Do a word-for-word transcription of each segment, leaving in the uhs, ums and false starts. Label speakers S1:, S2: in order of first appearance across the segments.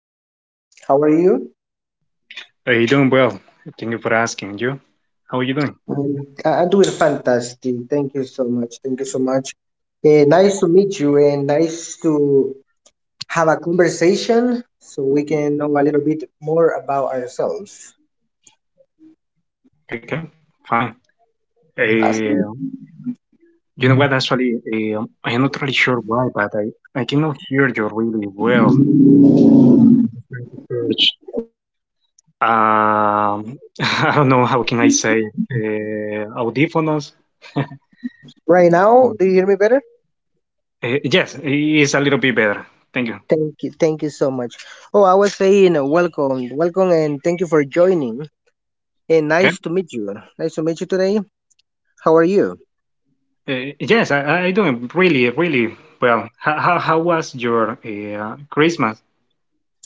S1: Abraham. How are you?
S2: Hey, doing well. Thank you for asking. And you? How are you doing?
S1: Mm, I- I'm doing fantastic. Thank you so much. Thank you so much. Eh, nice to meet you and nice to have a conversation so we can know a little bit more about ourselves.
S2: Okay, okay, fine.
S1: Awesome.
S2: Uh, you know what? Actually, uh, I am not really sure why, but I, I cannot hear you really well. Which, um, I don't know how can I say uh, audífonos.
S1: Right now, do you hear me better?
S2: Uh, yes, it's a little bit better. Thank you.
S1: Thank you. Thank you so much. Oh, I was saying uh, welcome, welcome, and thank you for joining. And
S2: Okay.
S1: nice to meet you. Nice to meet you today. How are you?
S2: Uh, yes, I, I I doing really, really well. How, how, how was your uh, Christmas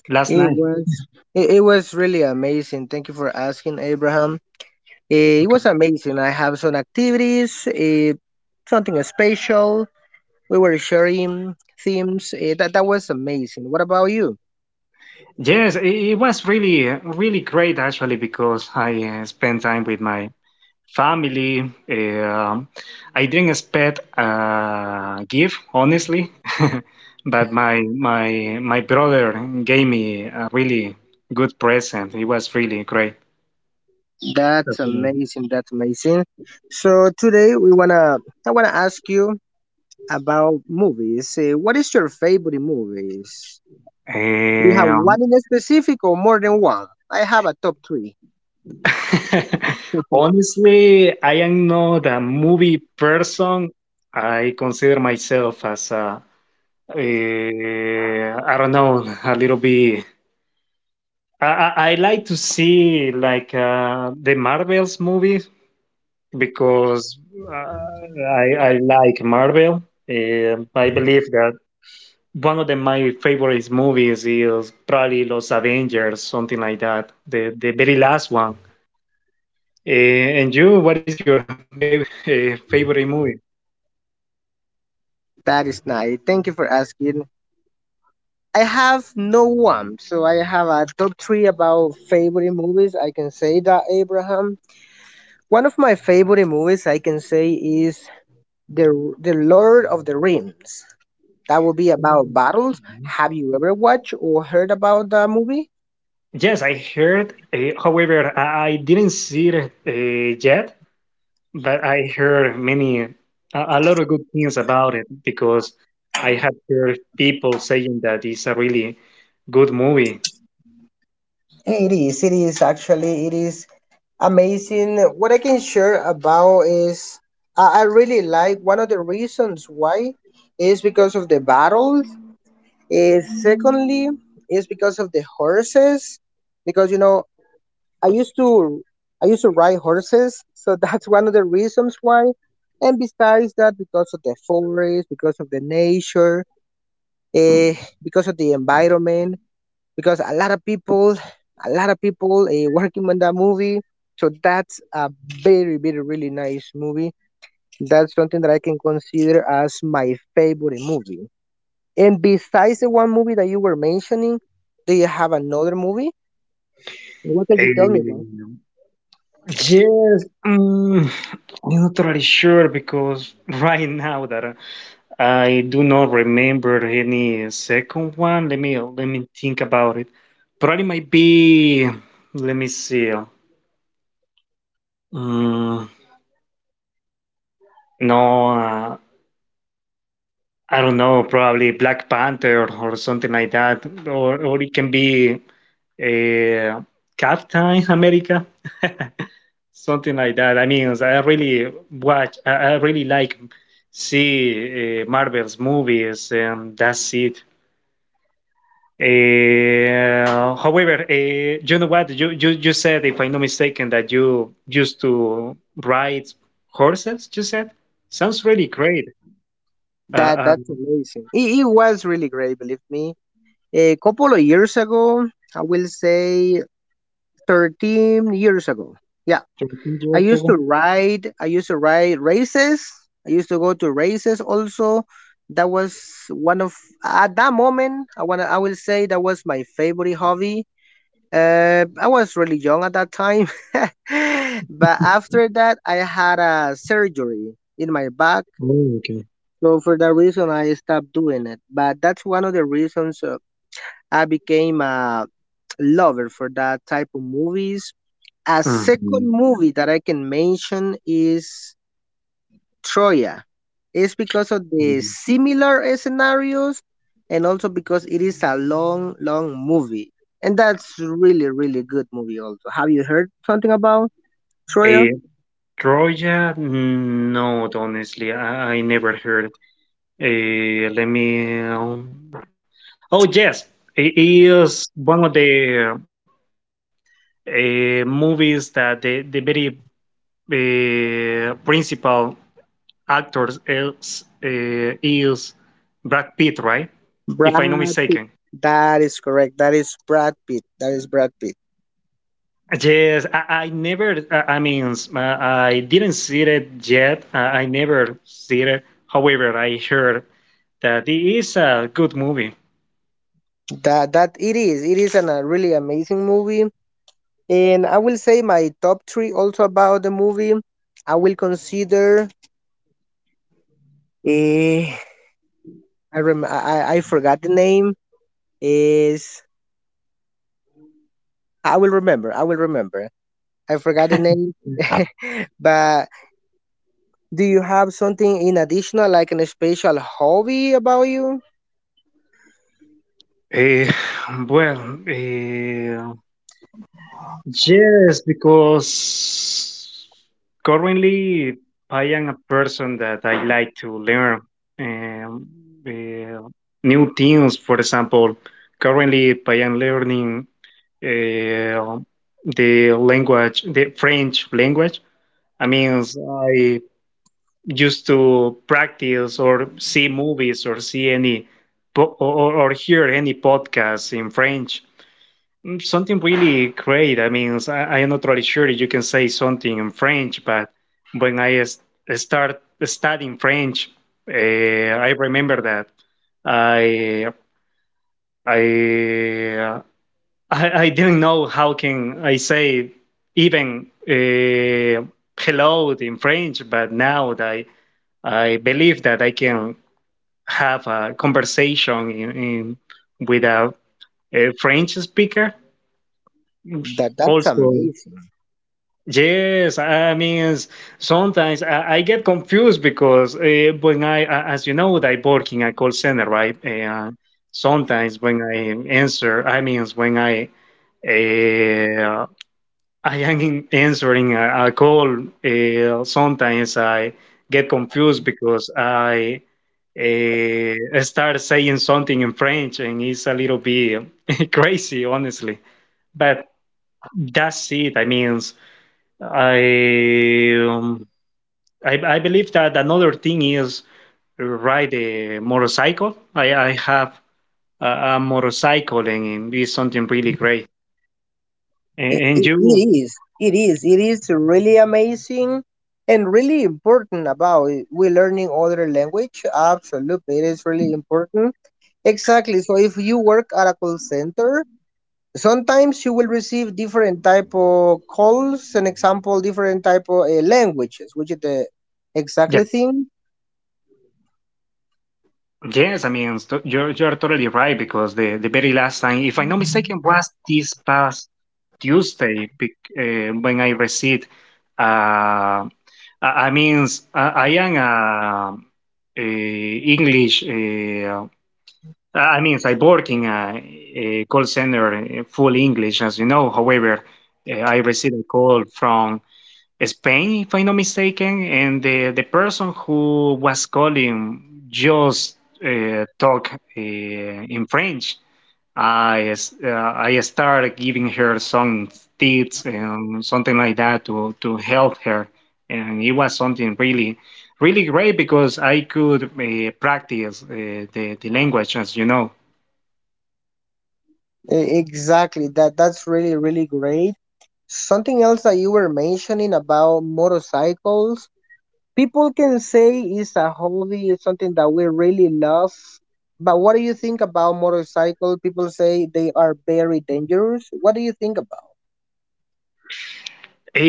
S2: last
S1: It
S2: night?
S1: was it, it was really amazing. Thank you for asking, Abraham. Eh, it was amazing. I have some activities, eh, something special. We were sharing themes, eh, that that was amazing. What about you?
S2: Yes, it it was really, uh, really great actually because I uh, spent time with my family. Um I didn't expect a gift, honestly, but my my my brother gave me a really good present. It was really great.
S1: That's
S2: Okay.
S1: amazing. That's amazing. So today we wanna I wanna ask you about movies. Eh, what is your favorite movies? Do you have
S2: Um,
S1: one in specific or more than one? I have a top three.
S2: honestly, I am not a movie person. I consider myself as a, eh, I don't know, a little bit. I, I, I like to see like uh, the Marvel's movies because uh, I, I like Marvel. Eh, I believe that one of the, my favorite movies is probably Los Avengers, something like that, the, the very last one. Eh, and you, what is your baby, uh, favorite movie?
S1: That is nice. Thank you for asking. I have no one. So I have a top three about favorite movies. I can say that, Abraham. One of my favorite movies I can say is the the Lord of the Rings. That will be about battles. Have you ever watched or heard about that movie?
S2: Yes, I heard. Uh, however, I, I didn't see it uh, yet. But I heard many, a, a lot of good things about it because I have heard people saying that it's a really good movie.
S1: It is. It is actually. It is amazing. What I can share about is I I really like one of the reasons why is because of the battles. Uh, secondly, is because of the horses, because you know I used to I used to ride horses, so that's one of the reasons why. And besides that, because of the forest, because of the nature, uh, because of the environment, because a lot of people, a lot of people uh, working on that movie. So that's a very, very, really nice movie. That's something that I can consider as my favorite movie. And besides the one movie that you were mentioning, do you have another movie? What can you tell me about?
S2: Um, yes, mm, I'm not really sure because right now that I do not remember any second one. Let me let me think about it. Probably might be. Let me see. Mm, no, uh, I don't know, probably Black Panther, or, or something like that, or or it can be uh, Captain America, something like that. I mean, I really watch, I, I really like see uh, Marvel's movies, and that's it. Uh, however, uh, you know what? You, you you said, if I'm not mistaken, that you used to ride horses. You said sounds really great.
S1: That
S2: Uh,
S1: that's
S2: um,
S1: amazing. It, it was really great, believe me. A couple of years ago, I will say thirteen years ago. Yeah,
S2: thirteen
S1: I
S2: years
S1: used
S2: ago.
S1: to ride. I used to ride races. I used to go to races also. That was one of at that moment. I wanna. I will say that was my favorite hobby. Uh, I was really young at that time, but after that, I had a surgery in my back.
S2: Oh, okay.
S1: So for that reason, I stopped doing it. But that's one of the reasons uh, I became a lover for that type of movies. A
S2: Um,
S1: second movie that I can mention is Troya is because of the similar scenarios and also because it is a long, long movie. And that's really, really good movie also. Have you heard something about
S2: eh,
S1: Troya?
S2: Troya, not honestly, I, I never heard. Eh, let me. Um, oh yes, it is one of the uh, movies that the the very uh, principal actors is uh, is Brad Pitt, right? If I'm not
S1: Brad
S2: mistaken.
S1: Pitt. That is correct. That is Brad Pitt. That is Brad Pitt.
S2: Yes, I, I never. I I mean, s- uh, I didn't see it yet. I, I never see it. However, I heard that it is a good movie.
S1: That that it is. It is an, a really amazing movie. And I will say my top three also about the movie. I will consider eh, I rem I, I I forgot the name. Is I will remember. I will remember. I forgot the name. But do you have something in additional, like an special hobby about you?
S2: Eh, well, eh, yes, because currently I am a person that I like to learn um, eh, new things. For example, currently I am learning uh, the language, the French language. I mean, I used to practice or see movies or see any po- or, or hear any podcasts in French. Mm, Something really great. I mean, I, I am not really sure you can say something in French, but when I s- start studying French, uh, I remember that I I I, I didn't know how can I say even uh, hello in French, but now that I, I believe that I can have a conversation in, in with a, a French speaker.
S1: That that's
S2: Also,
S1: amazing.
S2: yes, I mean sometimes I, I get confused because uh, when I, a- as you know, that I work in a call center, right? And sometimes when I answer, I mean when I uh, I am in- answering a, a call. Uh, sometimes I get confused because I uh, start saying something in French and it's a little bit crazy, honestly. But that's it. I mean, I, um, I I believe that another thing is ride a motorcycle. I, I have a, a motorcycle and it's something really great. And,
S1: It,
S2: and
S1: it,
S2: you.
S1: it is. It is. It is really amazing and really important about it. We learning other language. Absolutely, it is really important. Exactly. So if you work at a call center, sometimes you will receive different type of calls. An example different type of uh, languages which is the exactly thing.
S2: Yes, I mean, st- you're, you're totally right because the, the very last time, if I'm not mistaken, was this past Tuesday bec- uh, when I received, uh, I, I mean, s- I, I am uh, a English, uh, I mean, I work in a, a call center uh, full English, as you know. However, uh, I received a call from Spain, if I'm not mistaken, and the, the person who was calling just uh, talk uh, in French. I s- uh, I started giving her some tips and something like that to to help her, and it was something really really great because I could uh, practice uh, the the language, as you know.
S1: E- exactly that that's really really great. Something else that you were mentioning about motorcycles, people can say it's a hobby, it's something that we really love, but what do you think about motorcycle? People say they are very dangerous. What do you think about?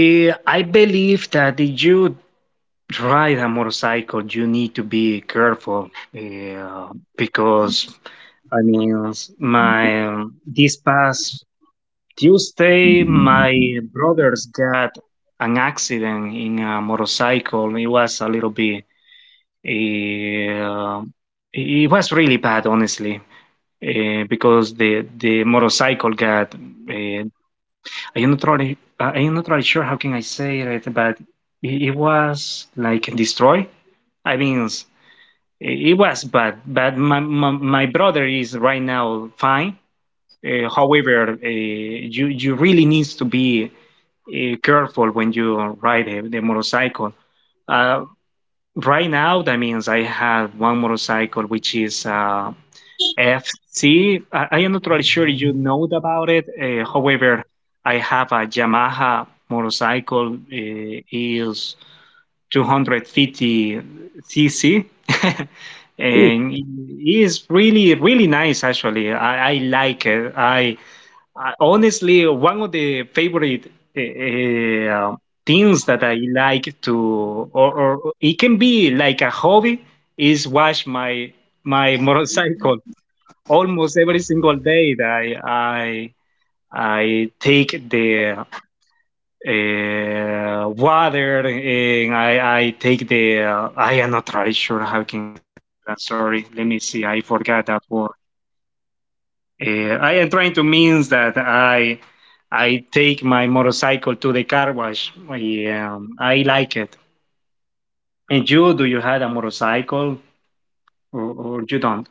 S2: Eh, I believe that if you ride a motorcycle, you need to be careful uh, because I mean, s- my um, this past Tuesday, my brothers got an accident in a motorcycle. It was a little bit, uh, it was really bad, honestly, uh, because the the motorcycle got. Uh, I'm not really, uh, I'm not really sure how can I say it, but it, it was like destroyed. I mean, It it was bad, but my, my, my brother is right now fine. Uh, however, uh, you you really needs to be uh, careful when you ride the, the motorcycle. Uh, right now, that means I have one motorcycle which is uh, F C. I, I am not really sure you know about it. Uh, however, I have a Yamaha motorcycle. Uh, is two hundred fifty cc
S1: Ooh.
S2: and it is really really nice actually. i, I like it. I, I honestly one of the favorite uh, things that I like to or, or it can be like a hobby is wash my my motorcycle almost every single day that i i, I take the uh, water and I, I take the uh, I am not really sure how can, I'm sorry, let me see, I forgot that word. uh, I am trying to means that I I take my motorcycle to the car wash. I, um, I like it. And you, do you have a motorcycle, or, or you don't?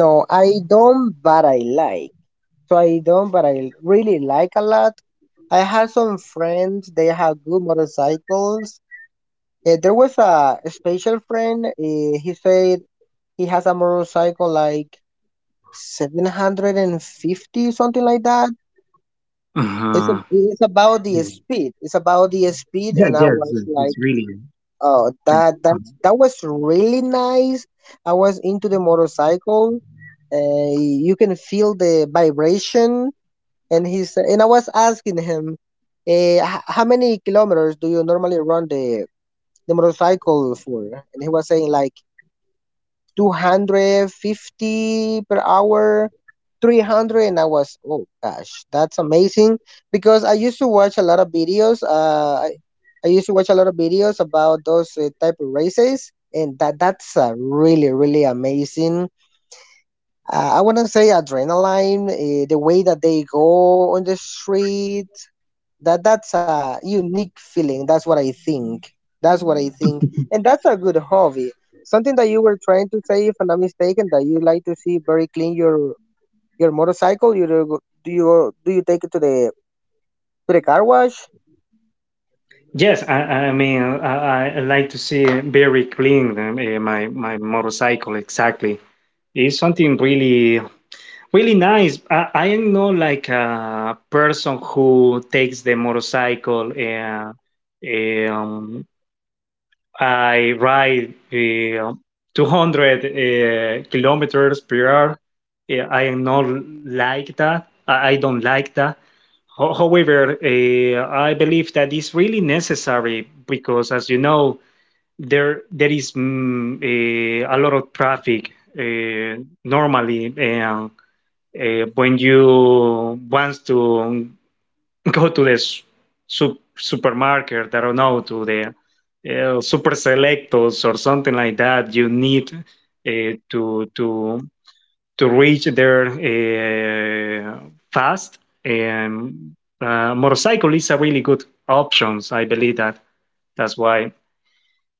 S1: No I don't but I like So I don't, but I really like a lot. I had some friends, they have good motorcycles. Eh, there was a special friend, eh, he said he has a motorcycle like seven hundred fifty, something like that. It's, a,
S2: Uh-huh.
S1: it's about the
S2: Yeah,
S1: speed. It's about the speed, and I
S2: yes,
S1: was
S2: yes,
S1: like,
S2: it's really
S1: oh, that that
S2: pretty.
S1: that was really nice. I was into the motorcycle. Uh, you can feel the vibration. And he said, and I was asking him, eh, h- how many kilometers do you normally run the the motorcycle for? And he was saying like two hundred fifty per hour, three hundred. And I was, oh gosh, that's amazing because I used to watch a lot of videos. Uh, I, I used to watch a lot of videos about those uh, type of races, and that that's uh, really really amazing. Uh, I wanna say adrenaline, uh, the way that they go on the street, that that's a unique feeling. That's what I think. That's what I think. And that's a good hobby, something that you were trying to say, if I'm not mistaken, that you like to see very clean your your motorcycle. You do, go- do you do you take it to the to the car wash?
S2: Yes, I, I mean, I, I I like to see it very clean uh, my my motorcycle exactly. It's something really, really nice. I, I am not like a person who takes the motorcycle and um, I ride uh, two hundred uh, kilometers per hour. Yeah, I am not like that. I, I don't like that. Ho- However, uh, I believe that is really necessary because, as you know, there there is, mm, eh, a lot of traffic, eh, normally, and uh, when you want to go to the s- sup- supermarket, I don't know, to the uh, super selectos or something like that, you need uh, to to to reach there uh, fast. And uh, motorcycle is a really good options. I believe that that's why.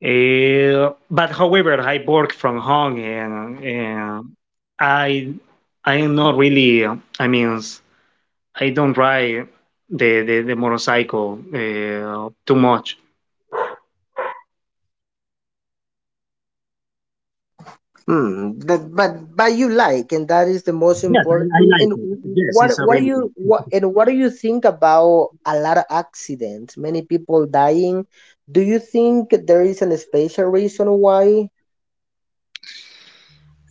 S2: Uh, but however, I work from home, and, and I I am not really, uh, I mean I don't ride the the, the motorcycle uh, too much.
S1: Hmm, that, but but you like, and that is the most
S2: Yes, I, I
S1: important.
S2: like
S1: And
S2: it. Yes,
S1: what
S2: it's a
S1: what do
S2: really,
S1: you what and what do you think about a lot of accidents, many people dying? Do you think there is an special reason why?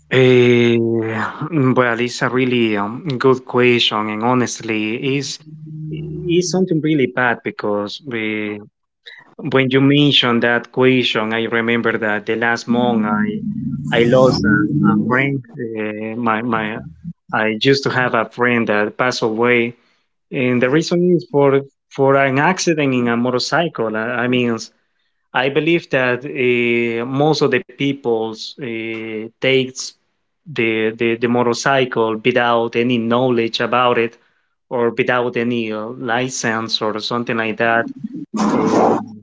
S2: eh, well, it's a really um, good question, and honestly, is is something really bad because eh, when you mentioned that question, I remember that the last month I I lost a, a friend. Eh, my my I used to have a friend that passed away, and the reason is for for an accident in a motorcycle. uh, I mean, I believe that uh, most of the peoples uh, takes the, the the motorcycle without any knowledge about it, or without any uh, license or something like that. Um,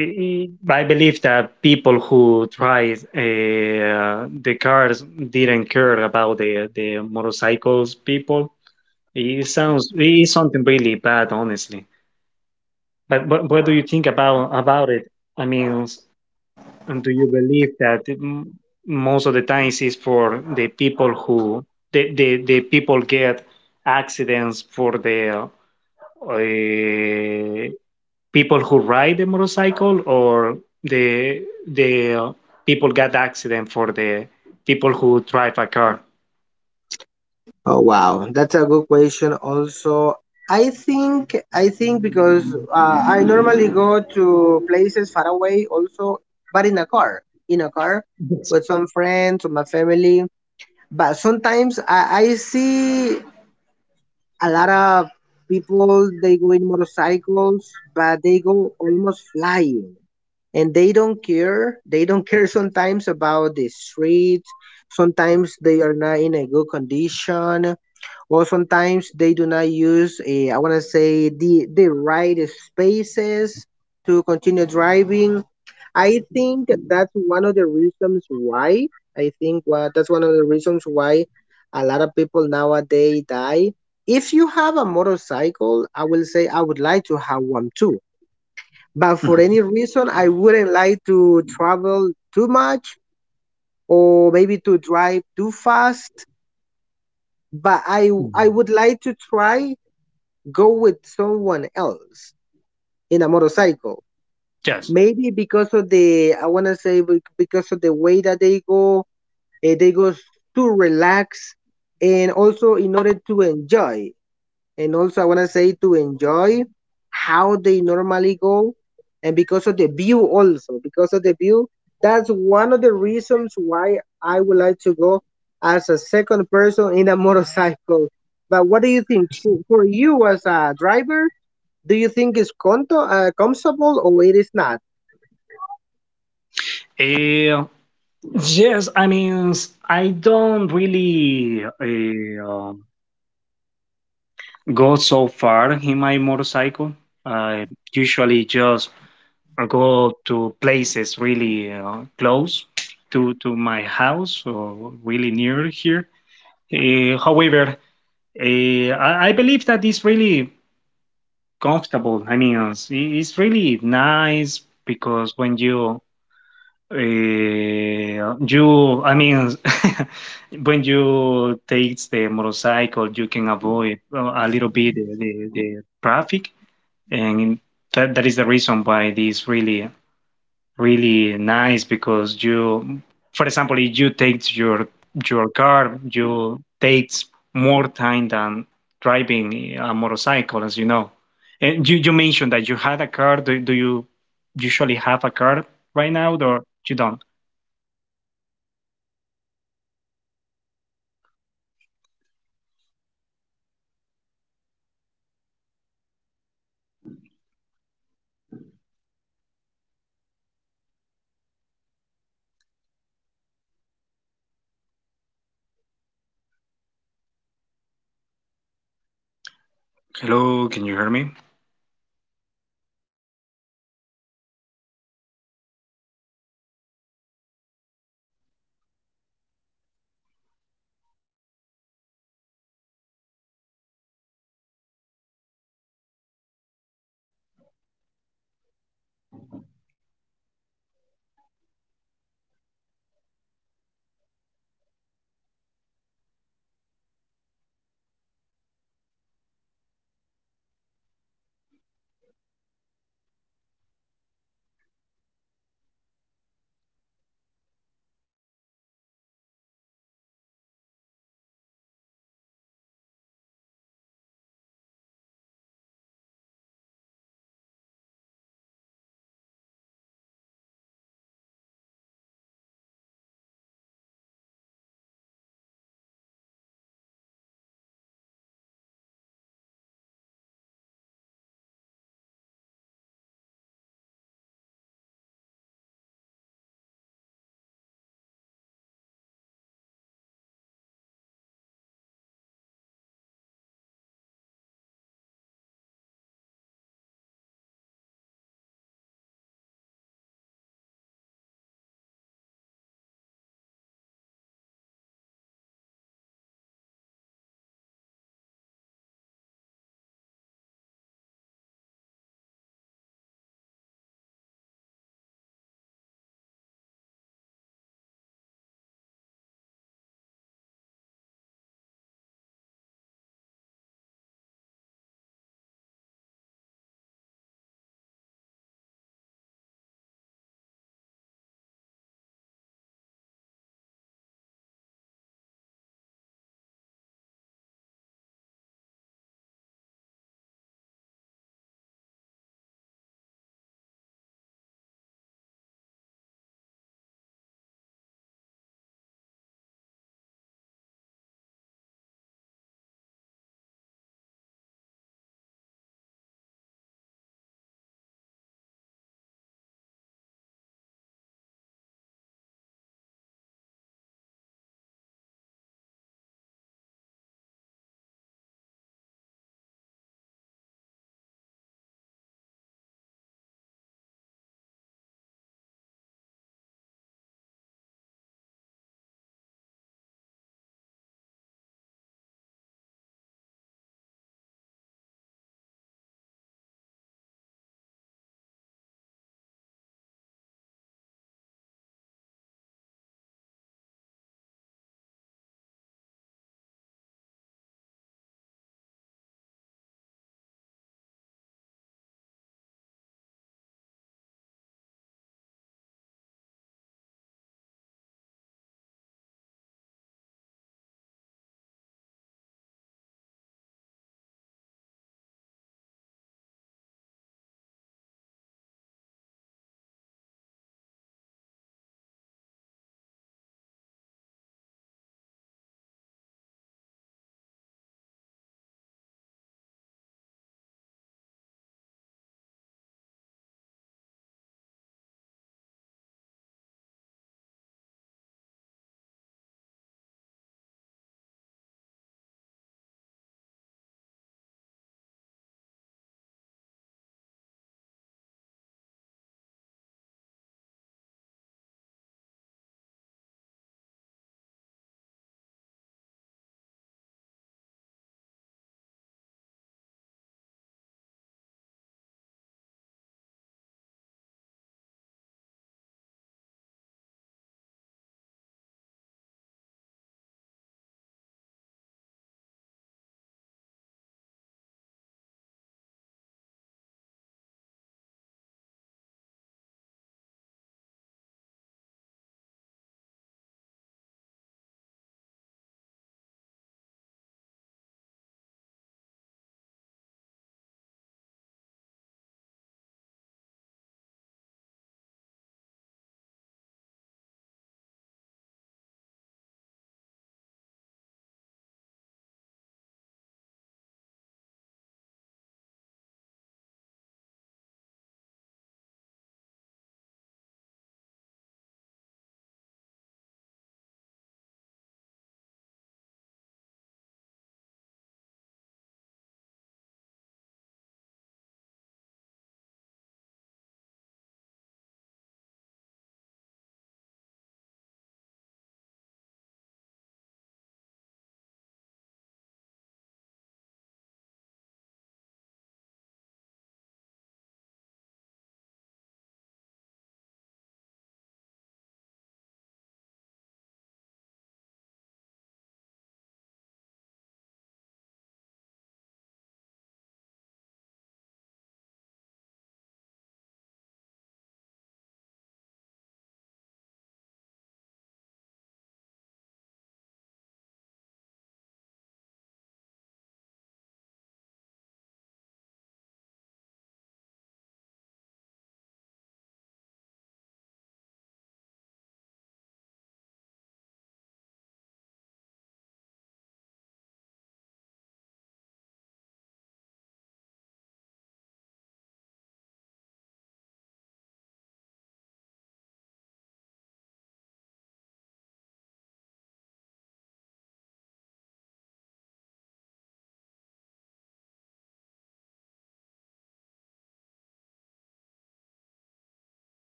S2: I I believe that people who tried uh, the cars didn't care about the the motorcycles people, it sounds it is something really bad, honestly. But what, what do you think about about it? I mean, s- and do you believe that it, m- most of the times is for the people who the the, the people get accidents for the uh, people who ride the motorcycle, or the the uh, people get accident for the people who drive a car?
S1: Oh wow, that's a good question. Also, I think I think because uh, I normally go to places far away, also, but in a car, in a car
S2: Yes.
S1: with some friends or my family. But sometimes I, I see a lot of people, they go in motorcycles, but they go almost flying, and they don't care. They don't care sometimes about the streets. Sometimes they are not in a good condition. Well, sometimes they do not use, uh, I want to say, the, the right spaces to continue driving. I think that's one of the reasons why. I think what, that's one of the reasons why a lot of people nowadays die. If you have a motorcycle, I will say I would like to have one too. But for any reason, I wouldn't like to travel too much or maybe to drive too fast. But I, I would like to try go with someone else in a motorcycle. Maybe because of the, I want to say be- because of the way that they go, eh, they go to relax and also in order to enjoy. And also, I want to say to enjoy how they normally go and because of the view also, because of the view. That's one of the reasons why I would like to go as a second person in a motorcycle. But what do you think for, for you as a driver? Do you think it's conto- uh, comfortable or it is not?
S2: Yes. Yes, I mean, s- I don't really uh, go so far in my motorcycle. I usually just go to places really uh, close to, to my house or really near here. Uh, however, uh, I, I believe that it's really comfortable. I mean, it's, it's really nice because when you, Uh, you, I mean, when you take the motorcycle, you can avoid uh, a little bit the, the, the traffic, and that, that is the reason why it is really, really nice because you, for example, if you take your your car, you takes more time than driving a motorcycle, as you know. And you, you mentioned that you had a car. Do, do you usually have a car right now, or you don't? Hello, can you hear me?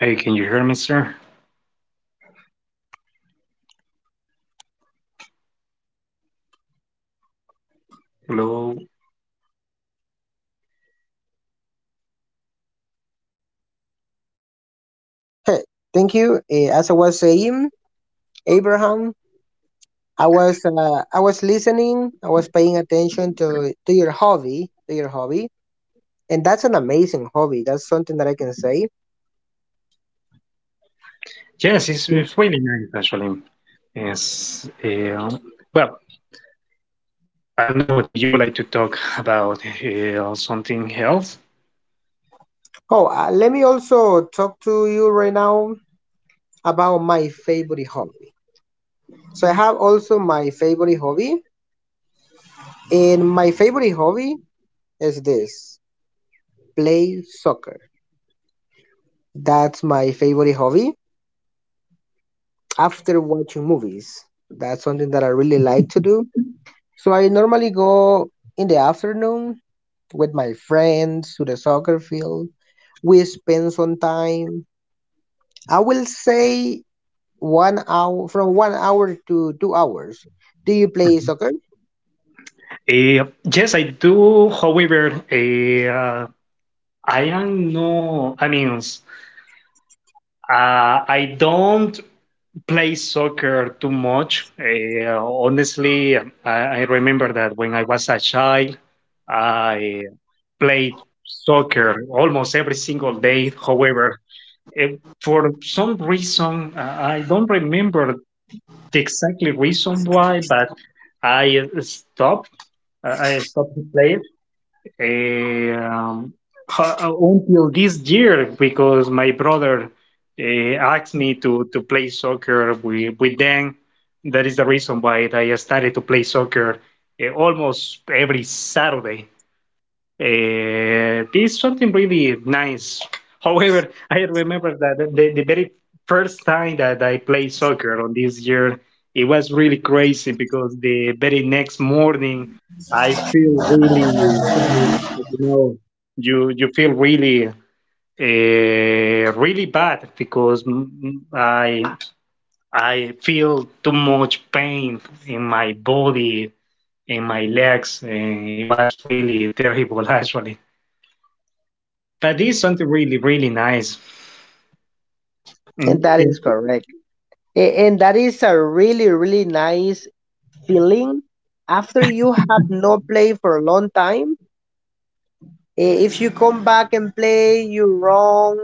S2: Hey, can you hear me, sir? Hello.
S1: Hey, thank you. Eh, as I was saying, Abraham, I was uh, I was listening. I was paying attention to to your hobby, to your hobby, and that's an amazing hobby. That's something that I can say.
S2: Yes, it's,
S1: Mm.
S2: it's really nice actually. Yes. Uh, well, I don't know. Did you would like to talk about uh, something else?
S1: Oh, uh, let me also talk to you right now about my favorite hobby. So I have also my favorite hobby, and my favorite hobby is this: play soccer. That's my favorite hobby after watching movies. That's something that I really like to do. So I normally go in the afternoon with my friends to the soccer field. We spend some time. I will say one hour from one hour to two hours. Do you play soccer?
S2: Uh, yes, I do. However, uh, I am no. I mean, uh, I don't play soccer too much. Uh, honestly, I, I remember that when I was a child, I played soccer almost every single day. However, eh, for some reason, uh, I don't remember the exactly reason why, but I stopped. I I stopped to play um, ho- uh, until this year because my brother uh, asked me to, to play soccer with, with them. That is the reason why I started to play soccer uh, almost every Saturday. Uh, it's something really nice. However, I remember that the, the very first time that I played soccer on this year, it was really crazy because the very next morning I feel really, really, you know, you you feel really, uh, really bad because mm, mm, I I feel too much pain in my body, in my legs. And it was really terrible actually. That is something really, really nice.
S1: And
S2: And
S1: that
S2: it-
S1: is correct. A- and that is a really, really nice feeling after you have not played for a long time. Eh, If you come back and play, you run,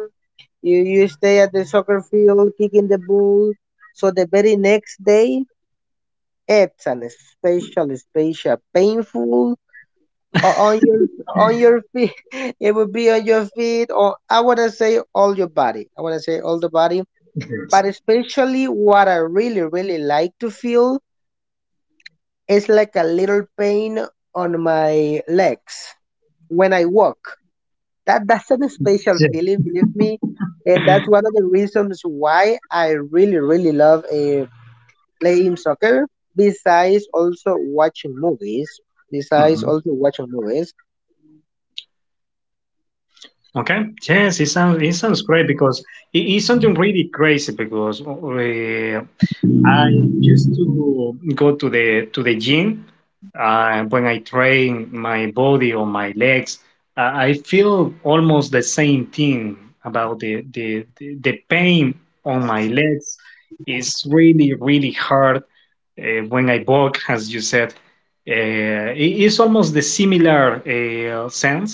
S1: you, you stay at the soccer field kicking the ball. So the very next day it's an special, special, painful or on your on your feet. It would be on your feet, or I wanna say all your body. I wanna say all the body,
S2: it's-
S1: but especially what I really, really like to feel is like a little pain on my legs when I walk. That that's an special
S2: yeah.
S1: feeling, believe me, and that's one of the reasons why I really, really love uh, playing soccer. Besides, also watching movies. Besides,
S2: Mhm.
S1: also watching movies.
S2: Okay. Yes, it sounds it sounds great because it is something really crazy because uh, I used to go to the to the gym uh, when I train my body or my legs. Uh, I feel almost the same thing about the, the the the pain on my legs. It's really really hard uh, when I walk, as you said. Uh, it- it's almost the similar uh, sense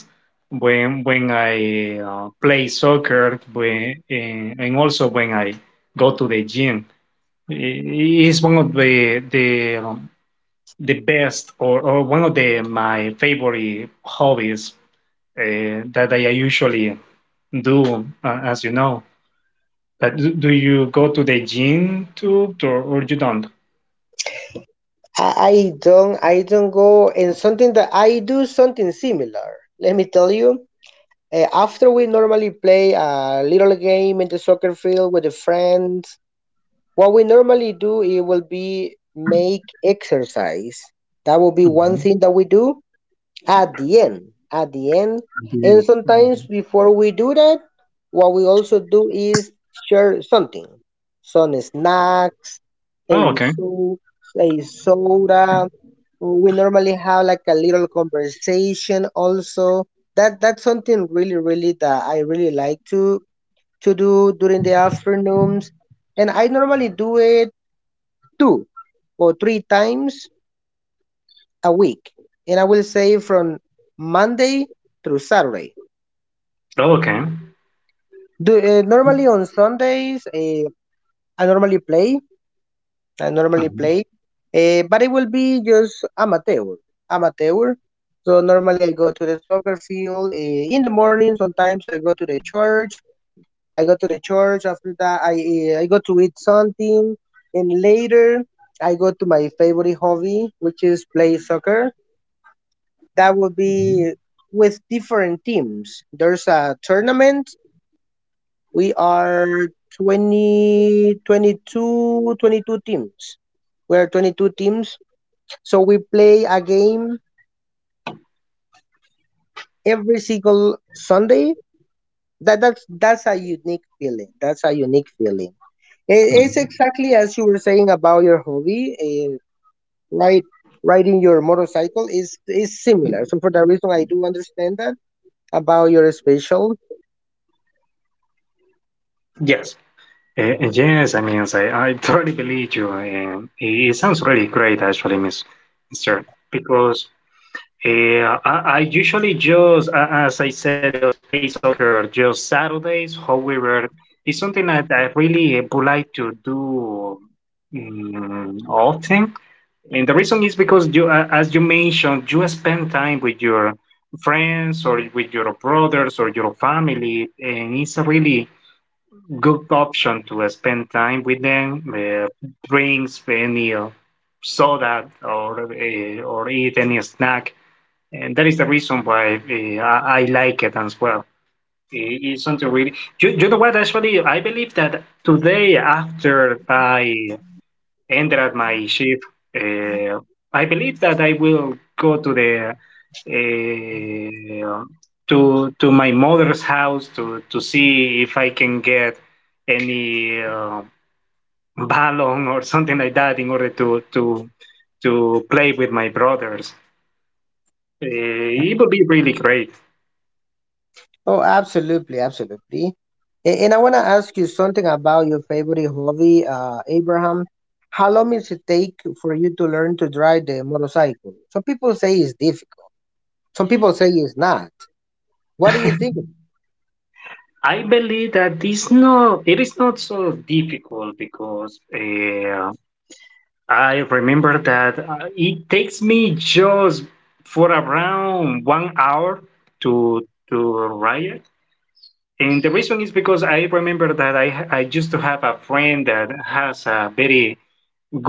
S2: when when I uh, play soccer, when, and and also when I go to the gym. He is one of the the um, the best, or, or one of the my favorite hobbies uh, that I usually do, uh, as you know. But do do you go to the gym too, or, or you don't?
S1: I, I don't. I don't go and something that I do something similar. Let me tell you. Uh, after we normally play a little game in the soccer field with the friends, what we normally do it will be make exercise. That will be one
S2: Mhm.
S1: thing that we do at the end, at the end
S2: Mhm.
S1: and sometimes before we do that, what we also do is share something, some snacks,
S2: Oh,
S1: a
S2: okay.
S1: soup, a soda. We normally have like a little conversation also, that that's something really really that I really like to to do during the afternoons, and I normally do it two or three times a week, and I will say from Monday through Saturday.
S2: Oh, okay.
S1: Do, uh, normally on Sundays, uh, I normally play. I normally
S2: Mhm.
S1: play, uh, but it will be just amateur, amateur. So normally I go to the soccer field uh, in the morning. Sometimes I go to the church. I go to the church. After that, I uh, I go to eat something, and later I go to my favorite hobby, which is play soccer. That would be with different teams. There's a tournament. We are twenty, twenty-two, twenty-two teams. We're twenty-two teams. So we play a game every single Sunday. That, that's, that's a unique feeling. That's a unique feeling. It- It's
S2: Mhm.
S1: exactly as you were saying about your hobby, eh, right? Riding your motorcycle is is similar. So for that reason, I do understand that about your special.
S2: Yes. Uh, uh, yes, I mean, I, I totally believe you, and it sounds really great, actually, Miss Mister, because Uh, I, I usually just, a- as I said, just play soccer just Saturdays. However, it's something that I really would like to do um, often. And the reason is because you, a- as you mentioned, you spend time with your friends or with your brothers or your family, and it's a really good option to uh, spend time with them, uh, drinks, any uh, soda, or uh, or eat any snack. And that is the reason why uh, I, I like it as well. I- It's something really. You, you know what? Actually, I believe that today, after I enter at my ship. Uh, I believe that I will go to the uh, to to my mother's house to to see if I can get any uh, ballon or something like that in order to to to play with my brothers. Uh, it would be really great.
S1: Oh, absolutely, absolutely. A- And I want to ask you something about your favorite hobby, uh, Abraham. How long does it take for you to learn to drive the motorcycle? Some people say it's difficult. Some people say it's not. What do you
S2: I
S1: think of it?
S2: believe that it's not it is not so difficult because. Uh, I remember that uh, it takes me just for around one hour to to ride it. And the reason is because I remember that I I used to have a friend that has a very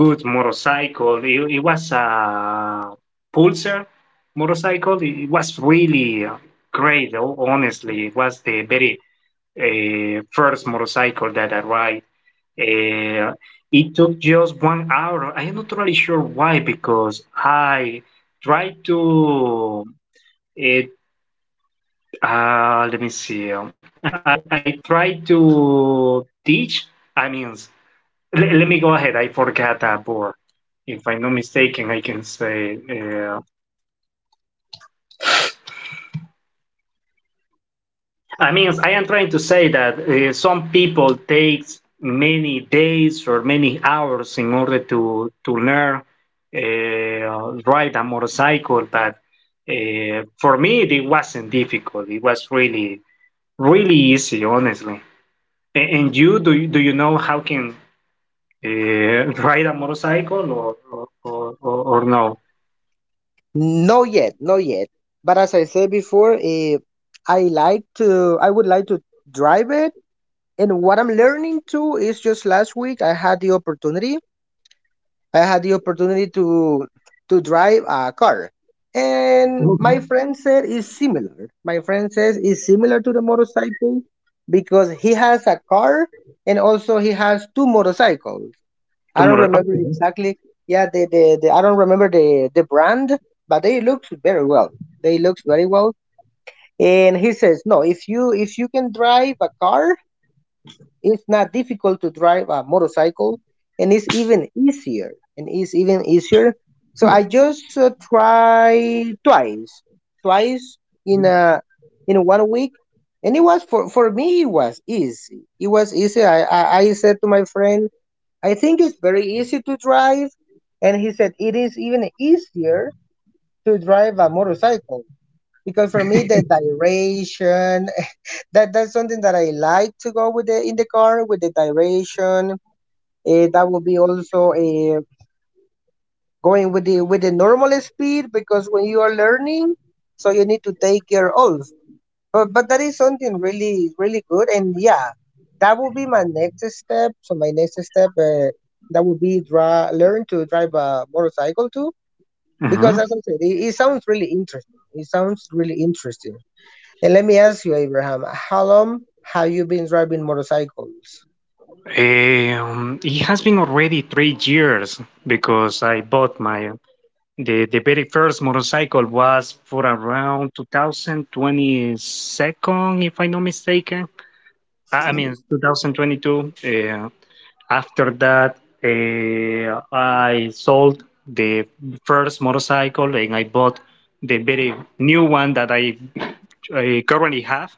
S2: good motorcycle. It, it was a Pulsar motorcycle. It was really uh, great. ho- Honestly, it was the very uh, first motorcycle that I ride. Uh, it took just one hour. I am not really sure why, because I tried to it. Uh, let me see. um, I I I tried to teach. I mean, let, let me go ahead. I forgot that word. If I'm not mistaken, I can say. Uh, I mean, I am trying to say that uh, some people takes many days or many hours in order to to learn uh, ride a motorcycle. But uh, for me, it wasn't difficult. It was really really easy, honestly. And, and you do you, do you know how can uh, ride a motorcycle or or, or, or or no?
S1: No yet, no yet. But as I said before, eh, I like to, I would like to drive it. And what I'm learning to is just last week I had the opportunity I had the opportunity to to drive a car, and my
S2: Mhm.
S1: friend said it's similar. My friend says it's similar to the motorcycle because he has a car and also he has two motorcycles. I don't
S2: Tomorrow.
S1: remember exactly. Yeah, the, the, the I don't remember the the brand, but they looks very well. They looks very well. And he says no, if you if you can drive a car, it's not difficult to drive a motorcycle, and it's even easier. And it's even easier. So I just uh, tried twice, twice in a in one week, and it was for for me. It was easy. It was easy. I I, I said to my friend, I think it's very easy to drive, and he said it is even easier to drive a motorcycle because for me the duration that that's something that I like to go with the in the car with the duration. Uh, that will be also uh, going with the with the normal speed because when you are learning, so you need to take care also. But but that is something really really good, and yeah, that will be my next step. So my next step uh, that will be dra- learn to drive a motorcycle too
S2: Okay.
S1: because, as I said, it, it sounds really interesting. It sounds really interesting. And let me ask you, Abraham, how long have you been driving motorcycles?
S2: Um, it has been already three years because I bought my the the very first motorcycle was for around two thousand twenty-two, if I'm not mistaken. I, I mean twenty twenty-two. Uh, after that, uh, I sold the first motorcycle and I bought the very new one that I I currently have,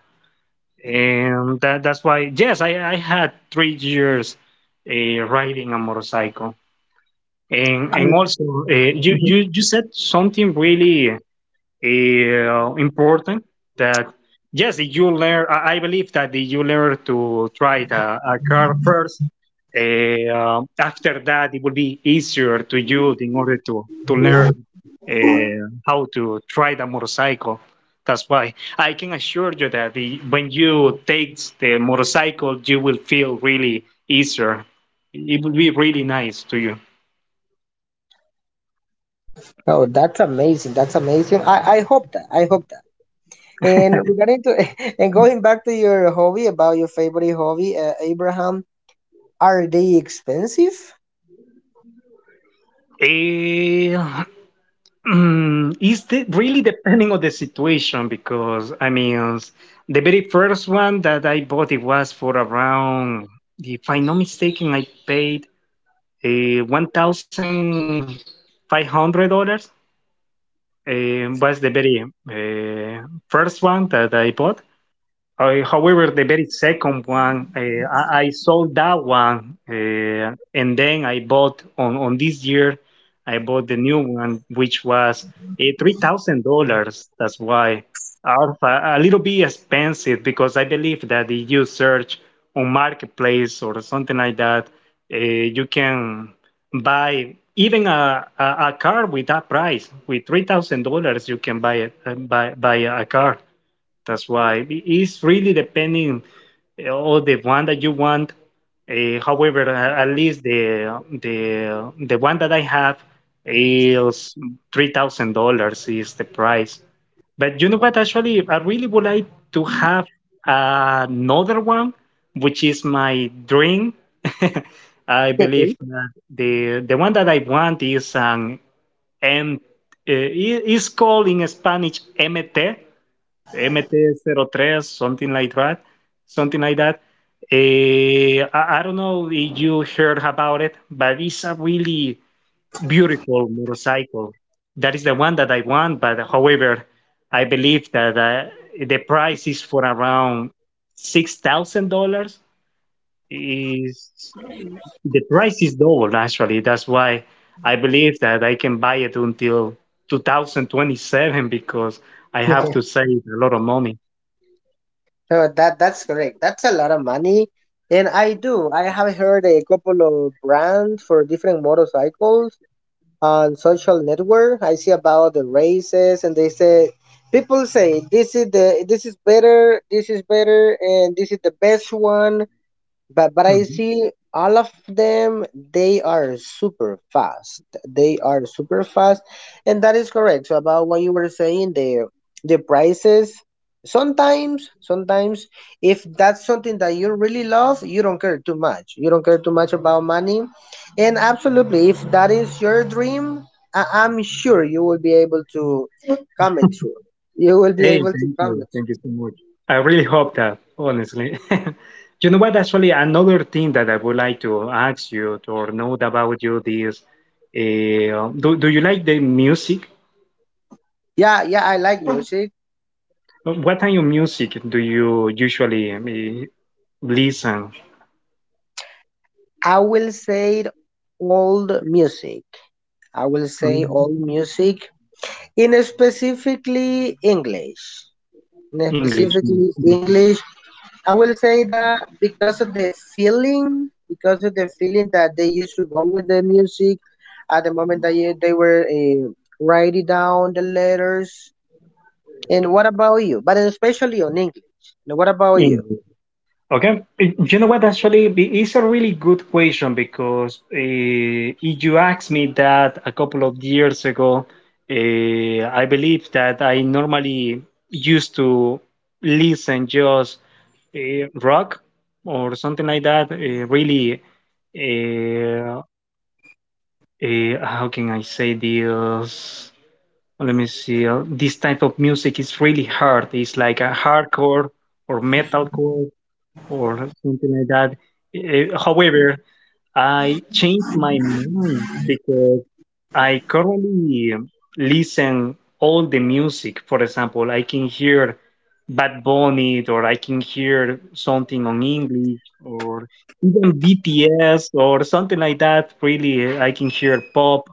S2: and that that's why yes i i had three years uh, riding a motorcycle, and and also uh, you
S1: Mhm.
S2: you you said something really uh, important that yes if you learn i I believe that if you learn to try the, a car first uh, um, after that it will be easier to you in order to to learn uh, how to try the motorcycle. That's why I can assure you that the, when you take the motorcycle you will feel really easier. It will be really nice to you.
S1: Oh, that's amazing. That's amazing. I, I hope that. I hope that. And regarding to and going back to your hobby about your favorite hobby, uh, Abraham, are they expensive?
S2: Eh, Mm, is the, really depending on the situation because I mean the very first one that I bought it was for around if I'm not mistaken I paid uh, one thousand five hundred dollars. Uh, was the very uh, first one that I bought, uh, however, the very second one, uh, I, I sold that one, uh, and then I bought on, on this year, I bought the new one, which was uh, three thousand dollars. That's why Alpha a little bit expensive because I believe that if you search on marketplace or something like that, uh, you can buy even a, a, a car with that price. With three thousand dollars, you can buy a, buy buy a car. That's why it's really depending uh, on the one that you want. Uh, however, a- at least the the the one that I have is three thousand dollars is the price. But you know what? Actually, I really would like to have another one, which is my dream. I
S1: Okay.
S2: believe that the the one that I want is an M. Uh, it- it's called in Spanish M T. M T oh three, something like that, something like that. Eh, I, I don't know if you heard about it, but it's a really beautiful motorcycle. That is the one that I want, but however, I believe that uh, the price is for around six thousand dollars. Is the price is double actually? That's why I believe that I can buy it until two thousand twenty-seven because I have to save a lot of money.
S1: So that that's correct. That's a lot of money. And I do. I have heard a couple of brands for different motorcycles. On social network I see about the races and they say people say this is the this is better this is better and this is the best one, but but I
S2: Mhm.
S1: see all of them, they are super fast. They are super fast, and that is correct. So about what you were saying, the the prices, sometimes sometimes if that's something that you really love, you don't care too much you don't care too much about money, and absolutely, if that is your dream, I- I'm sure you will be able to come it through, you will be
S2: Hey,
S1: able to
S2: thank
S1: come
S2: you.
S1: it
S2: Thank you
S1: through.
S2: so much. I really hope that, honestly. You know what? Actually, another thing that I would like to ask you or know about you is, uh, do, do you like the music?
S1: Yeah, yeah, I like music.
S2: What kind of music do you usually uh, listen?
S1: I will say old music. I will say old
S2: Mhm.
S1: music in specifically English. In
S2: English
S1: specifically
S2: music.
S1: English, I will say that because of the feeling, because of the feeling that they used to go with the music at the moment that you, they were uh, writing down the letters. And what about you? But especially on English. And what about you?
S2: English. Okay. Y- You know what? Actually, i- it's a really good question because uh, if you asked me that a couple of years ago, uh, I believe that I normally used to listen just uh, rock or something like that. Uh, really, uh, uh, how can I say this? Let me see. uh, This type of music is really hard. It's like a hardcore or metalcore or something like that. Uh, however, I changed my mind because I currently listen all the music. For example, I can hear Bad Bunny, or I can hear something on English, or even B T S, or something like that. Really, I can hear pop,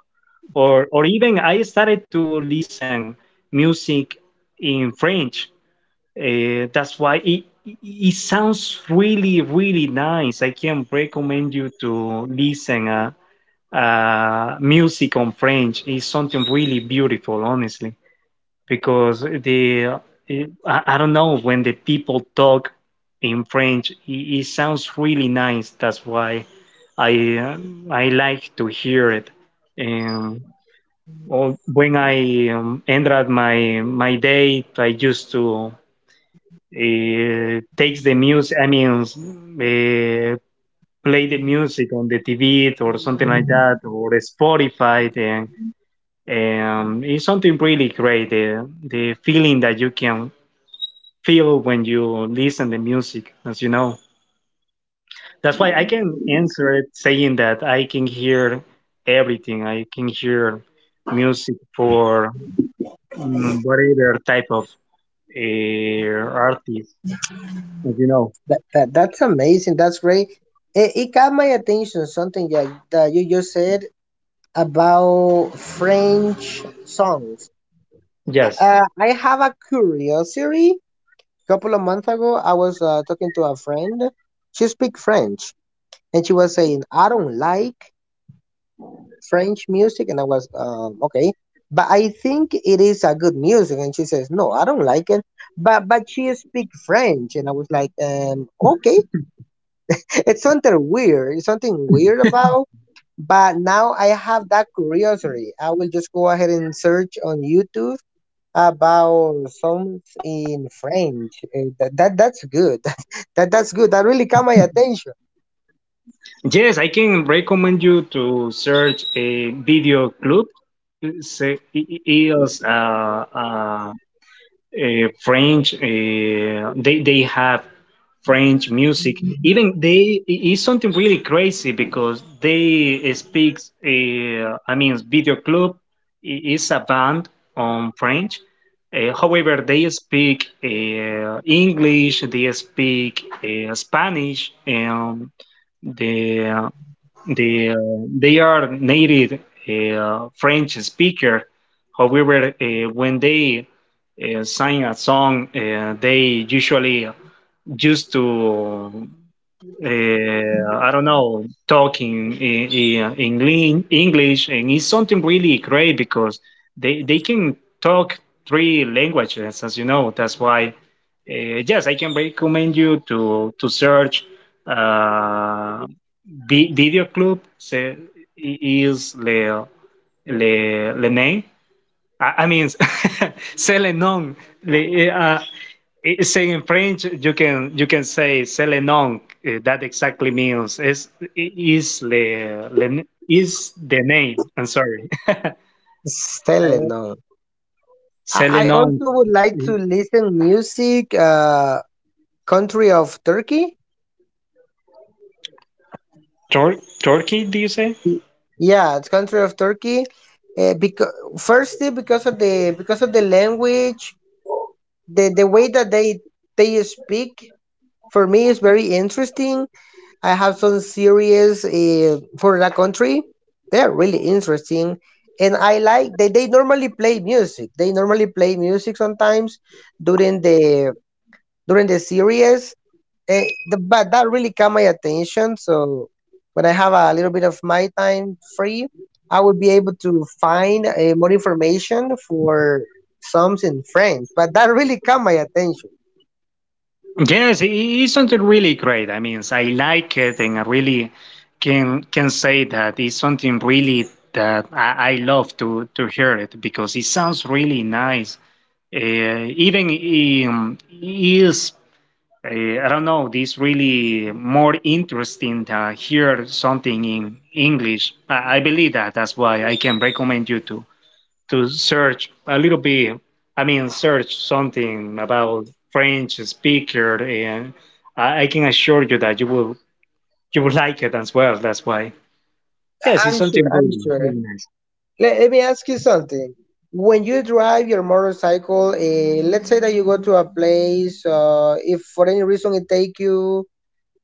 S2: or or even I started to listen music in French. Uh, that's why it, it it sounds really, really nice. I can recommend you to listen uh, uh, music on French. It's something really beautiful, honestly, because the eh, I, I don't know when the people talk in French, it, it sounds really nice. That's why I uh, I like to hear it. And all- when I um, ended my my day, I used to uh, takes the music, I mean, uh, play the music on the T V or something like that, or Spotify, then um, it's something really great. The, the feeling that you can feel when you listen to music, as you know. That's why I can answer it saying that I can hear everything. I can hear music for mm, whatever type of uh, artist, as you know.
S1: That, that, that's amazing. That's great. It, it got my attention, something that, that you just said about French songs.
S2: Yes.
S1: Uh, I have a curiosity. Couple of months ago, I was uh, talking to a friend. She speaks French, and she was saying, "I don't like French music," and I was, um, "Okay." But I think it is a good music, and she says, "No, I don't like it." But but she speaks French, and I was like, um, "Okay." It's something weird. It's something weird about. But now I have that curiosity. I will just go ahead and search on YouTube about songs in French. Uh, that, that that's good. that that that's good. That really caught my attention.
S2: Yes, I can recommend you to search a video club. It's, uh, i- i- uh, uh, uh, French. Uh, they they have French music. Even they i- it's something really crazy because they speak. Uh, I mean, Video Club i- is a band on French. Uh, however, they speak uh, English. They speak uh, Spanish. And the they, uh, they are native uh, French speaker. However, uh, when they uh, sing a song, uh, they usually used to uh, I don't know, talking in, in, in lean- English, and it's something really great because they, they can talk three languages, as you know. That's why, uh, yes, I can recommend you to to search uh, vi- Video Club. Se- is the the, the name. I, I mean, Selenon. The, uh, it- saying in French, you can you can say Selenon. Uh, that exactly means is is le, le is the name. I'm sorry,
S1: Stella, no. I, I
S2: Selenon.
S1: also would like to listen music. Uh, country of Turkey.
S2: Tur- Turkey? Do you say?
S1: Yeah, it's country of Turkey. Uh, because firstly, because of the because of the language, the the way that they they speak for me is very interesting. I have some series uh, for that country. They're really interesting, and I like, they, they normally play music. They normally play music sometimes during the during the series, uh, the, but that really caught my attention. So when I have a little bit of my time free, I will be able to find uh, more information for songs in French. But that really caught my attention.
S2: Yes, it is something really great. I mean, I like it, and I really can can say that it's something really that I, I love to to hear it because it sounds really nice. Uh, even um, is uh, I don't know. This really more interesting to hear something in English. I, I believe that. That's why I can recommend you to to search a little bit. I mean, search something about French speaker, and I, I can assure you that you will you will like it as well. That's why. Yes, it's
S1: I'm
S2: something
S1: sure. I'm
S2: really,
S1: sure.
S2: really nice.
S1: Let, let me ask you something. When you drive your motorcycle, uh, let's say that you go to a place, uh, if for any reason it take you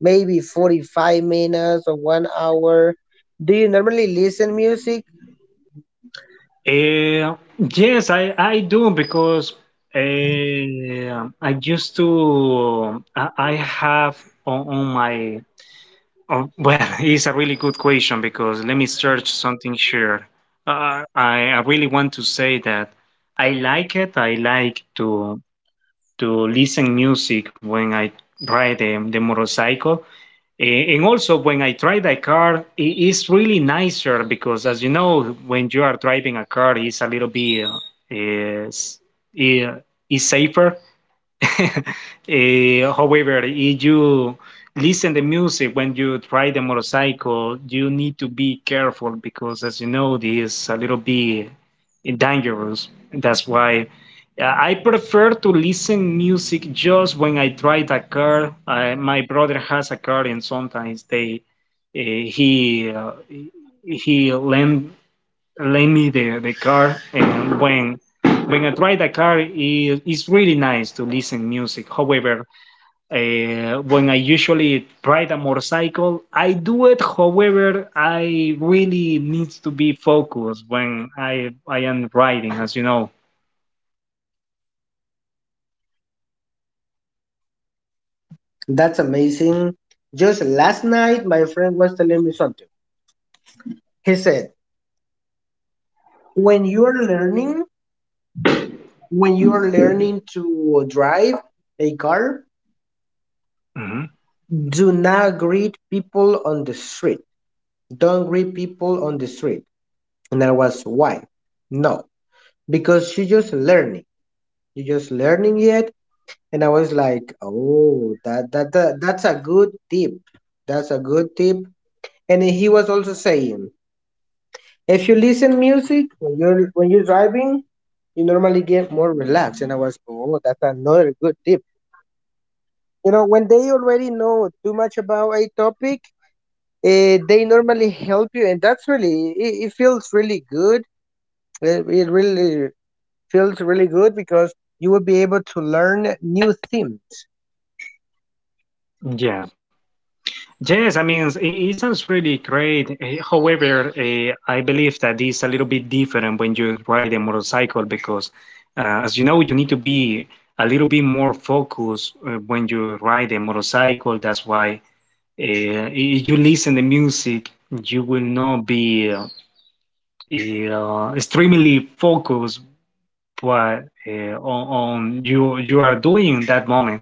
S1: maybe forty-five minutes or one hour, do you normally listen music?
S2: Uh, yes, I, I do because uh, I used to I, I have on, on my Oh, well, it's a really good question because let me search something here. Uh, I, I really want to say that I like it. I like to to listen music when I ride the, the motorcycle, A- and also when I drive the car. It is really nicer because, as you know, when you are driving a car, it's a little bit uh, is is is safer. Eh, however, if you listen the music when you try the motorcycle, you need to be careful because, as you know, this is a little bit dangerous. That's why uh, I prefer to listen music just when I try the car. I, my brother has a car, and sometimes they uh, he uh, he lend lend me the, the car, and when when I drive the car, it, it's really nice to listen music. However, uh, when I usually ride a motorcycle, I do it. However, I really need to be focused when I I am riding, as you know.
S1: That's amazing. Just last night, my friend was telling me something. He said, when you're learning, when you're learning to drive a car,
S2: hmm
S1: do not greet people on the street. Don't greet people on the street. And I was, why? No, because she just learning. You just learning yet? And I was like, oh, that, that that that's a good tip. That's a good tip. And he was also saying, if you listen music when you're when you're driving, you normally get more relaxed. And I was, oh, that's another good tip. You know, when they already know too much about a topic, uh, they normally help you, and that's really it. It feels really good. It, it really feels really good because you will be able to learn new themes.
S2: yeah. Yes, I mean, it, it sounds really great. Eh, However, uh, I believe that it's a little bit different when you ride a motorcycle because, uh, as you know, you need to be a little bit more focused uh, when you ride a motorcycle. That's why uh, if you listen to music, you will not be uh, eh, uh, extremely focused what uh, on, on you you are doing in that moment.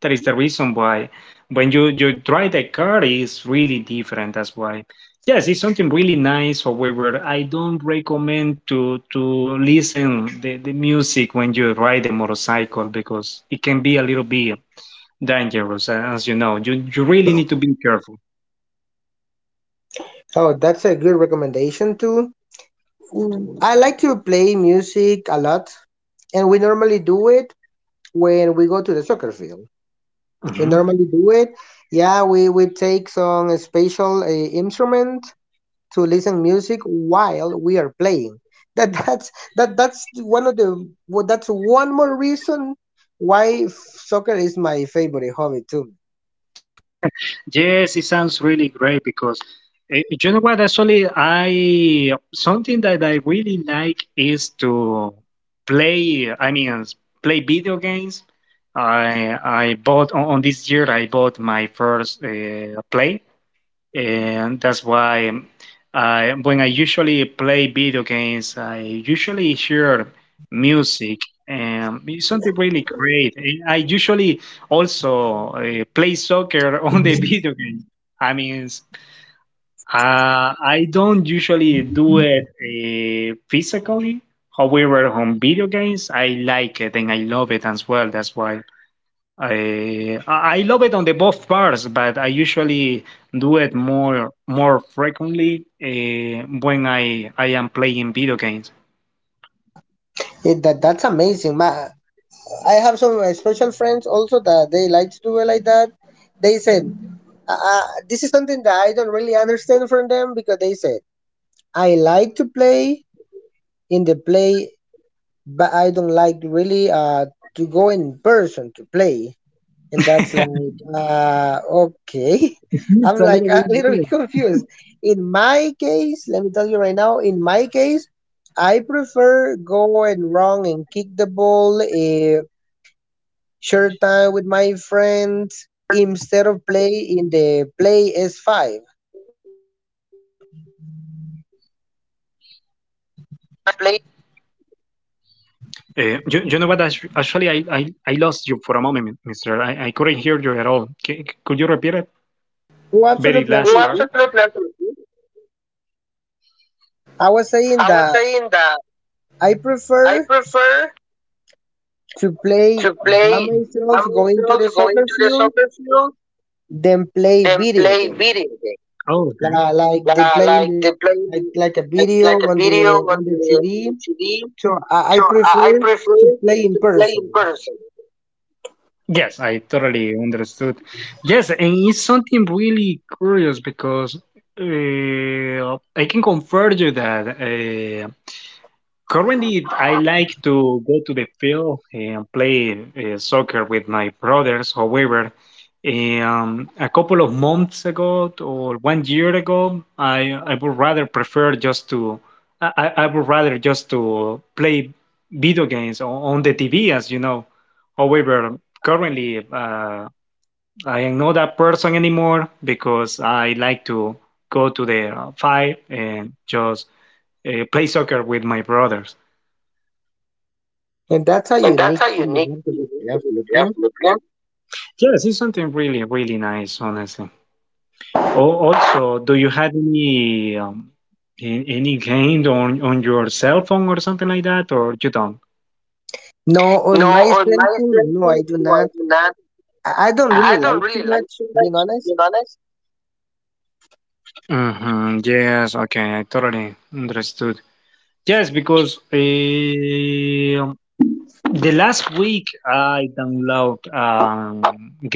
S2: That is the reason why when you you drive the car is really different. That's why. Yes, it's something really nice. However, I don't recommend to to listen the, the music when you ride a motorcycle because it can be a little bit dangerous, uh, as you know. You you really need to be careful.
S1: Oh, that's a good recommendation too. Mm, I like to play music a lot, and we normally do it when we go to the soccer field. We
S2: Mhm.
S1: normally do it. Yeah, we, we take some special uh, instrument to listen music while we are playing. That that's that that's one of the well, that's one more reason why soccer is my favorite hobby too.
S2: Yes, it sounds really great because eh, you know what? Actually, I something that I really like is to play. I mean, s- play video games. I I bought on, on this year. I bought my first uh, play, and that's why I, when I usually play video games, I usually hear music, and it's something really great. And I usually also uh, play soccer on the video game. I mean, s- uh, I don't usually do it uh, physically. However, on video games, I like it, and I love it as well. That's why. I I love it on the both parts, but I usually do it more more frequently uh, when I I am playing video games.
S1: It, that that's amazing. Ma, I have some uh, special friends also that they like to do it like that. They said, uh, uh, this is something that I don't really understand from them because they said, I like to play in the play, but I don't like really uh, to go in person to play. And that's like, uh, okay.
S2: It's
S1: I'm
S2: a
S1: like
S2: little bit
S1: a little bit
S2: weird.
S1: confused. In my case, let me tell you right now, in my case, I prefer go and run and kick the ball, eh, share time with my friends
S2: Uh,
S1: instead of play in the play S five.
S2: I play. Uh, you, you know what? actu- Actually, I, I I lost you for a moment, mi- Mister. I, I couldn't hear you at all. C- could you repeat it?
S1: Oh,
S2: Very
S1: absolutely,
S2: last No, part.
S1: absolutely.
S2: Absolutely. Absolutely.
S1: I was saying
S2: I
S1: that
S2: was saying that
S1: I prefer
S2: I prefer
S1: to play
S2: to
S1: by
S2: play by
S1: myself, going
S2: myself,
S1: to the
S2: going to
S1: soccer
S2: the
S1: field,
S2: soccer field,
S1: than play
S2: than
S1: video
S2: play
S1: game.
S2: video games. Oh, okay.
S1: Like, uh, like the
S2: Yeah,
S1: playing
S2: like
S1: the
S2: they play
S1: like
S2: the-
S1: like a
S2: like,
S1: video
S2: like a
S1: on the
S2: video on
S1: on
S2: the,
S1: the
S2: on the
S1: T V.
S2: C D.
S1: So I,
S2: So
S1: I
S2: I, I
S1: prefer
S2: prefer
S1: to play
S2: to
S1: in
S2: play in
S1: person,
S2: person. Yes, I totally understood. Yes, and it's something really curious because uh, I can confirm you that. Currently, I like to go to the field and play uh, soccer with my brothers. However, um, a couple of months ago t- or one year ago, I, I would rather prefer just to I, I I would rather just to play video games on, on the T V, as you know. However, currently, uh, I am not that person anymore because I like to go to the uh, field and just uh, play soccer with my brothers.
S1: and that's a
S2: And that's
S1: unique
S2: a
S1: feeling.
S2: unique
S1: Absolutely,
S2: Jeff
S1: absolutely.
S2: Lipkin. Yes, it's something really, really nice, honestly. Al- Also, do you have any um, a- any game on on your cell phone or something like that, or you don't?
S1: No,
S2: No,
S1: on my
S2: on
S1: cell
S2: my
S1: phone, no, I
S2: senses,
S1: do
S2: no, I
S1: not
S2: do not.
S1: I I don't
S2: I I
S1: really
S2: don't
S1: like
S2: hmm
S1: too
S2: really like
S1: much,
S2: too much,
S1: being
S2: to
S1: honest.
S2: be honest. hmm Yes, okay, I totally understood. Yes, because um the last week I download um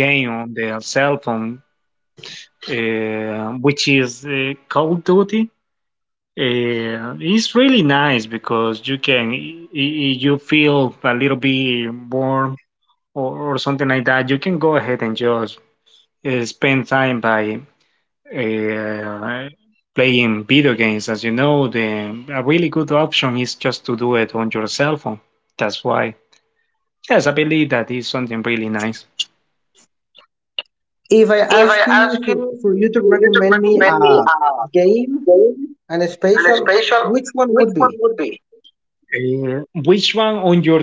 S2: game on the cell phone, uh, which is uh, Call of Duty. Uh, it's really nice because you can i- i- you feel a little bit bored, or, or something like that. You can go ahead and just uh, spend time by uh, playing video games. As you know, the a really good option is just to do it on your cell phone. That's why. Yes, I believe that is something really nice.
S1: If I
S2: If I
S1: ask you
S2: ask you,
S1: for, for you to
S2: for you to
S1: recommend me
S2: recommend me
S1: a
S2: a
S1: game
S2: game,
S1: and a
S2: and a
S1: special,
S2: special,
S1: which one
S2: which
S1: would
S2: one
S1: be?
S2: would be? Uh, which one on your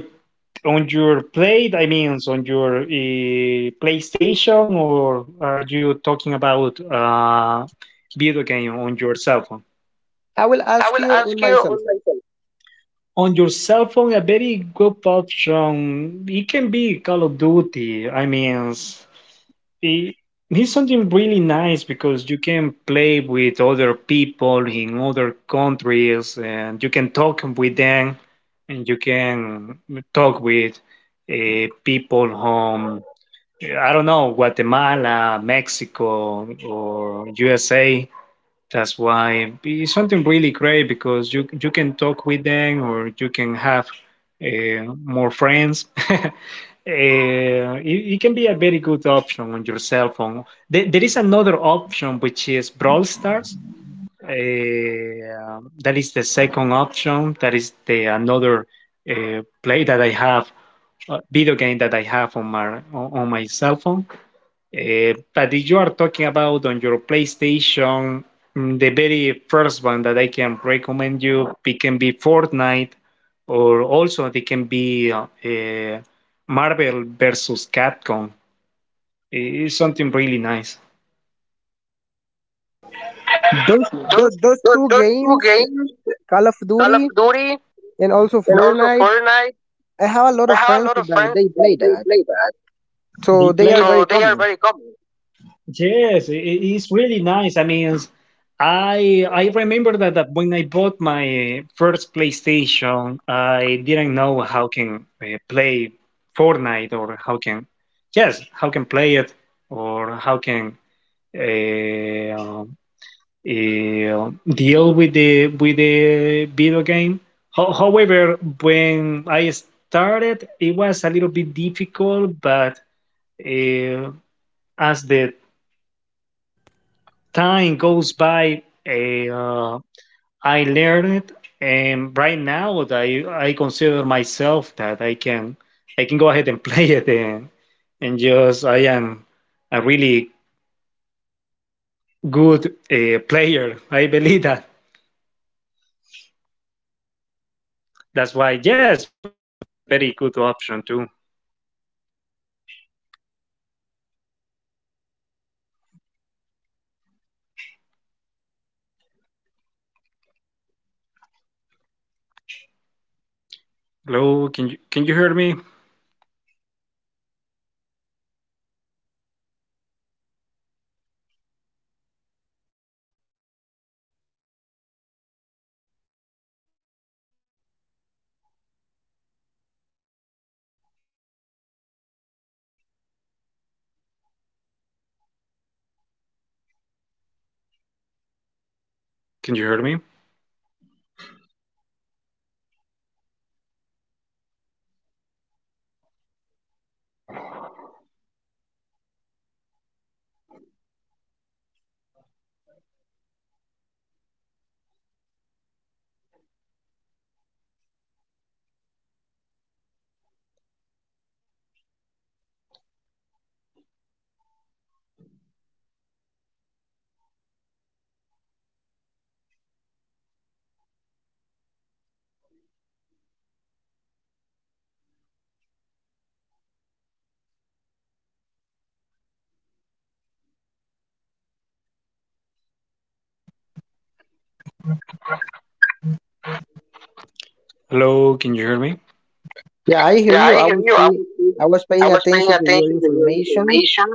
S2: on your plate? I mean, on your uh, PlayStation, or are you talking about uh, video game on your cell phone?
S1: I will
S2: I
S1: ask
S2: will
S1: you
S2: ask
S1: on
S2: you
S1: my cell
S2: on my
S1: phone.
S2: phone. On your cell phone, a very good option. It can be Call of Duty. I mean. It, it's something really nice because you can play with other people in other countries, and you can talk with them, and you can talk with uh, people from, I don't know, Guatemala, Mexico, or U S A. That's why it's something really great because you you can talk with them, or you can have uh, more friends. Uh, it, it can be a very good option on your cell phone. There, there is another option, which is Brawl Stars. Uh, that is the second option. That is the another uh, play that I have, uh, video game that I have on my on, on my cell phone. Uh, but you are talking about on your PlayStation, mm, the very first one that I can recommend you, it can be Fortnite, or also it can be uh, uh, Marvel versus Capcom. I- It's something really nice.
S1: Those,
S2: Those,
S1: those those
S2: those
S1: two
S2: those two
S1: games,
S2: games,
S1: Call of
S2: Call of
S1: Duty
S2: Duty
S1: and also
S2: and also
S1: Fortnite.
S2: Fortnite.
S1: I have a lot
S2: I
S1: of
S2: have a
S1: friends
S2: lot of
S1: that
S2: friends
S1: they
S2: that
S1: play
S2: they
S1: that,
S2: play that. They
S1: so they
S2: play,
S1: are
S2: so
S1: very
S2: they are
S1: common.
S2: very common. Yes, it, it's really nice. I mean, I I remember that, that when I bought my first PlayStation, I didn't know how can uh, play Fortnite, or how can yes how can play it, or how can uh, uh, deal with the with the video game. Ho- however, when I started, it was a little bit difficult, but uh, as the time goes by, eh, uh, I learned, and right now I I consider myself that I can I can go ahead and play it, and, and just I am a really good uh, player. I believe that. That's why yes, very good option too. Hello, can you can you hear me? Can you hear me? Hello, can you hear me?
S1: Yeah, I hear
S2: Yeah,
S1: you.
S2: I
S1: I
S2: hear
S1: was
S2: you. I
S1: paying,
S2: was
S1: I was
S2: I
S1: paying
S2: was paying
S1: attention to your
S2: attention to your
S1: information,
S2: information,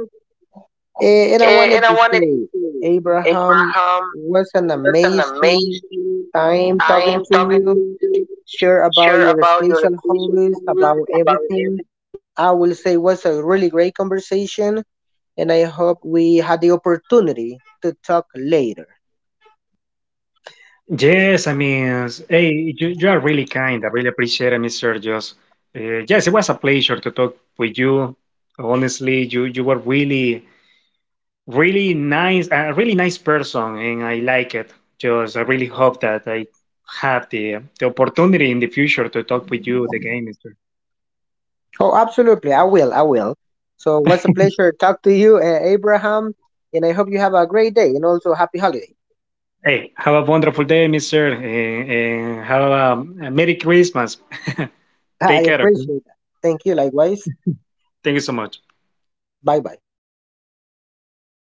S1: Eh, and I
S2: And,
S1: wanted
S2: and I
S1: to
S2: wanted to
S1: say,
S2: say,
S1: Abraham,
S2: Abraham,
S1: was an
S2: that's an
S1: amazing
S2: amazing
S1: time
S2: I
S1: talking
S2: am
S1: to
S2: talking to
S1: you.
S2: you.
S1: Share about
S2: Sure
S1: your
S2: about your
S1: special
S2: vision,
S1: hobbies, about
S2: about
S1: everything.
S2: everything.
S1: I will say, was a really great conversation, and I hope we had the opportunity to talk later.
S2: Yes, I mean, s- hey, you, you are really kind. I really appreciate it, mister Just. Uh, yes, it was a pleasure to talk with you. Honestly, you you were really, really nice, a really nice person, and I like it. Just, I really hope that I have the the opportunity in the future to talk with you again, mister
S1: Oh, absolutely, I will, I will. So, was a pleasure to talk to you, eh, Abraham, and I hope you have a great day, and also happy holidays.
S2: Hey, have a wonderful day, Mister, and, and have a, a Merry Christmas.
S1: I
S2: Take care. Okay?
S1: appreciate that. Thank you. Likewise.
S2: Thank you so much.
S1: Bye bye.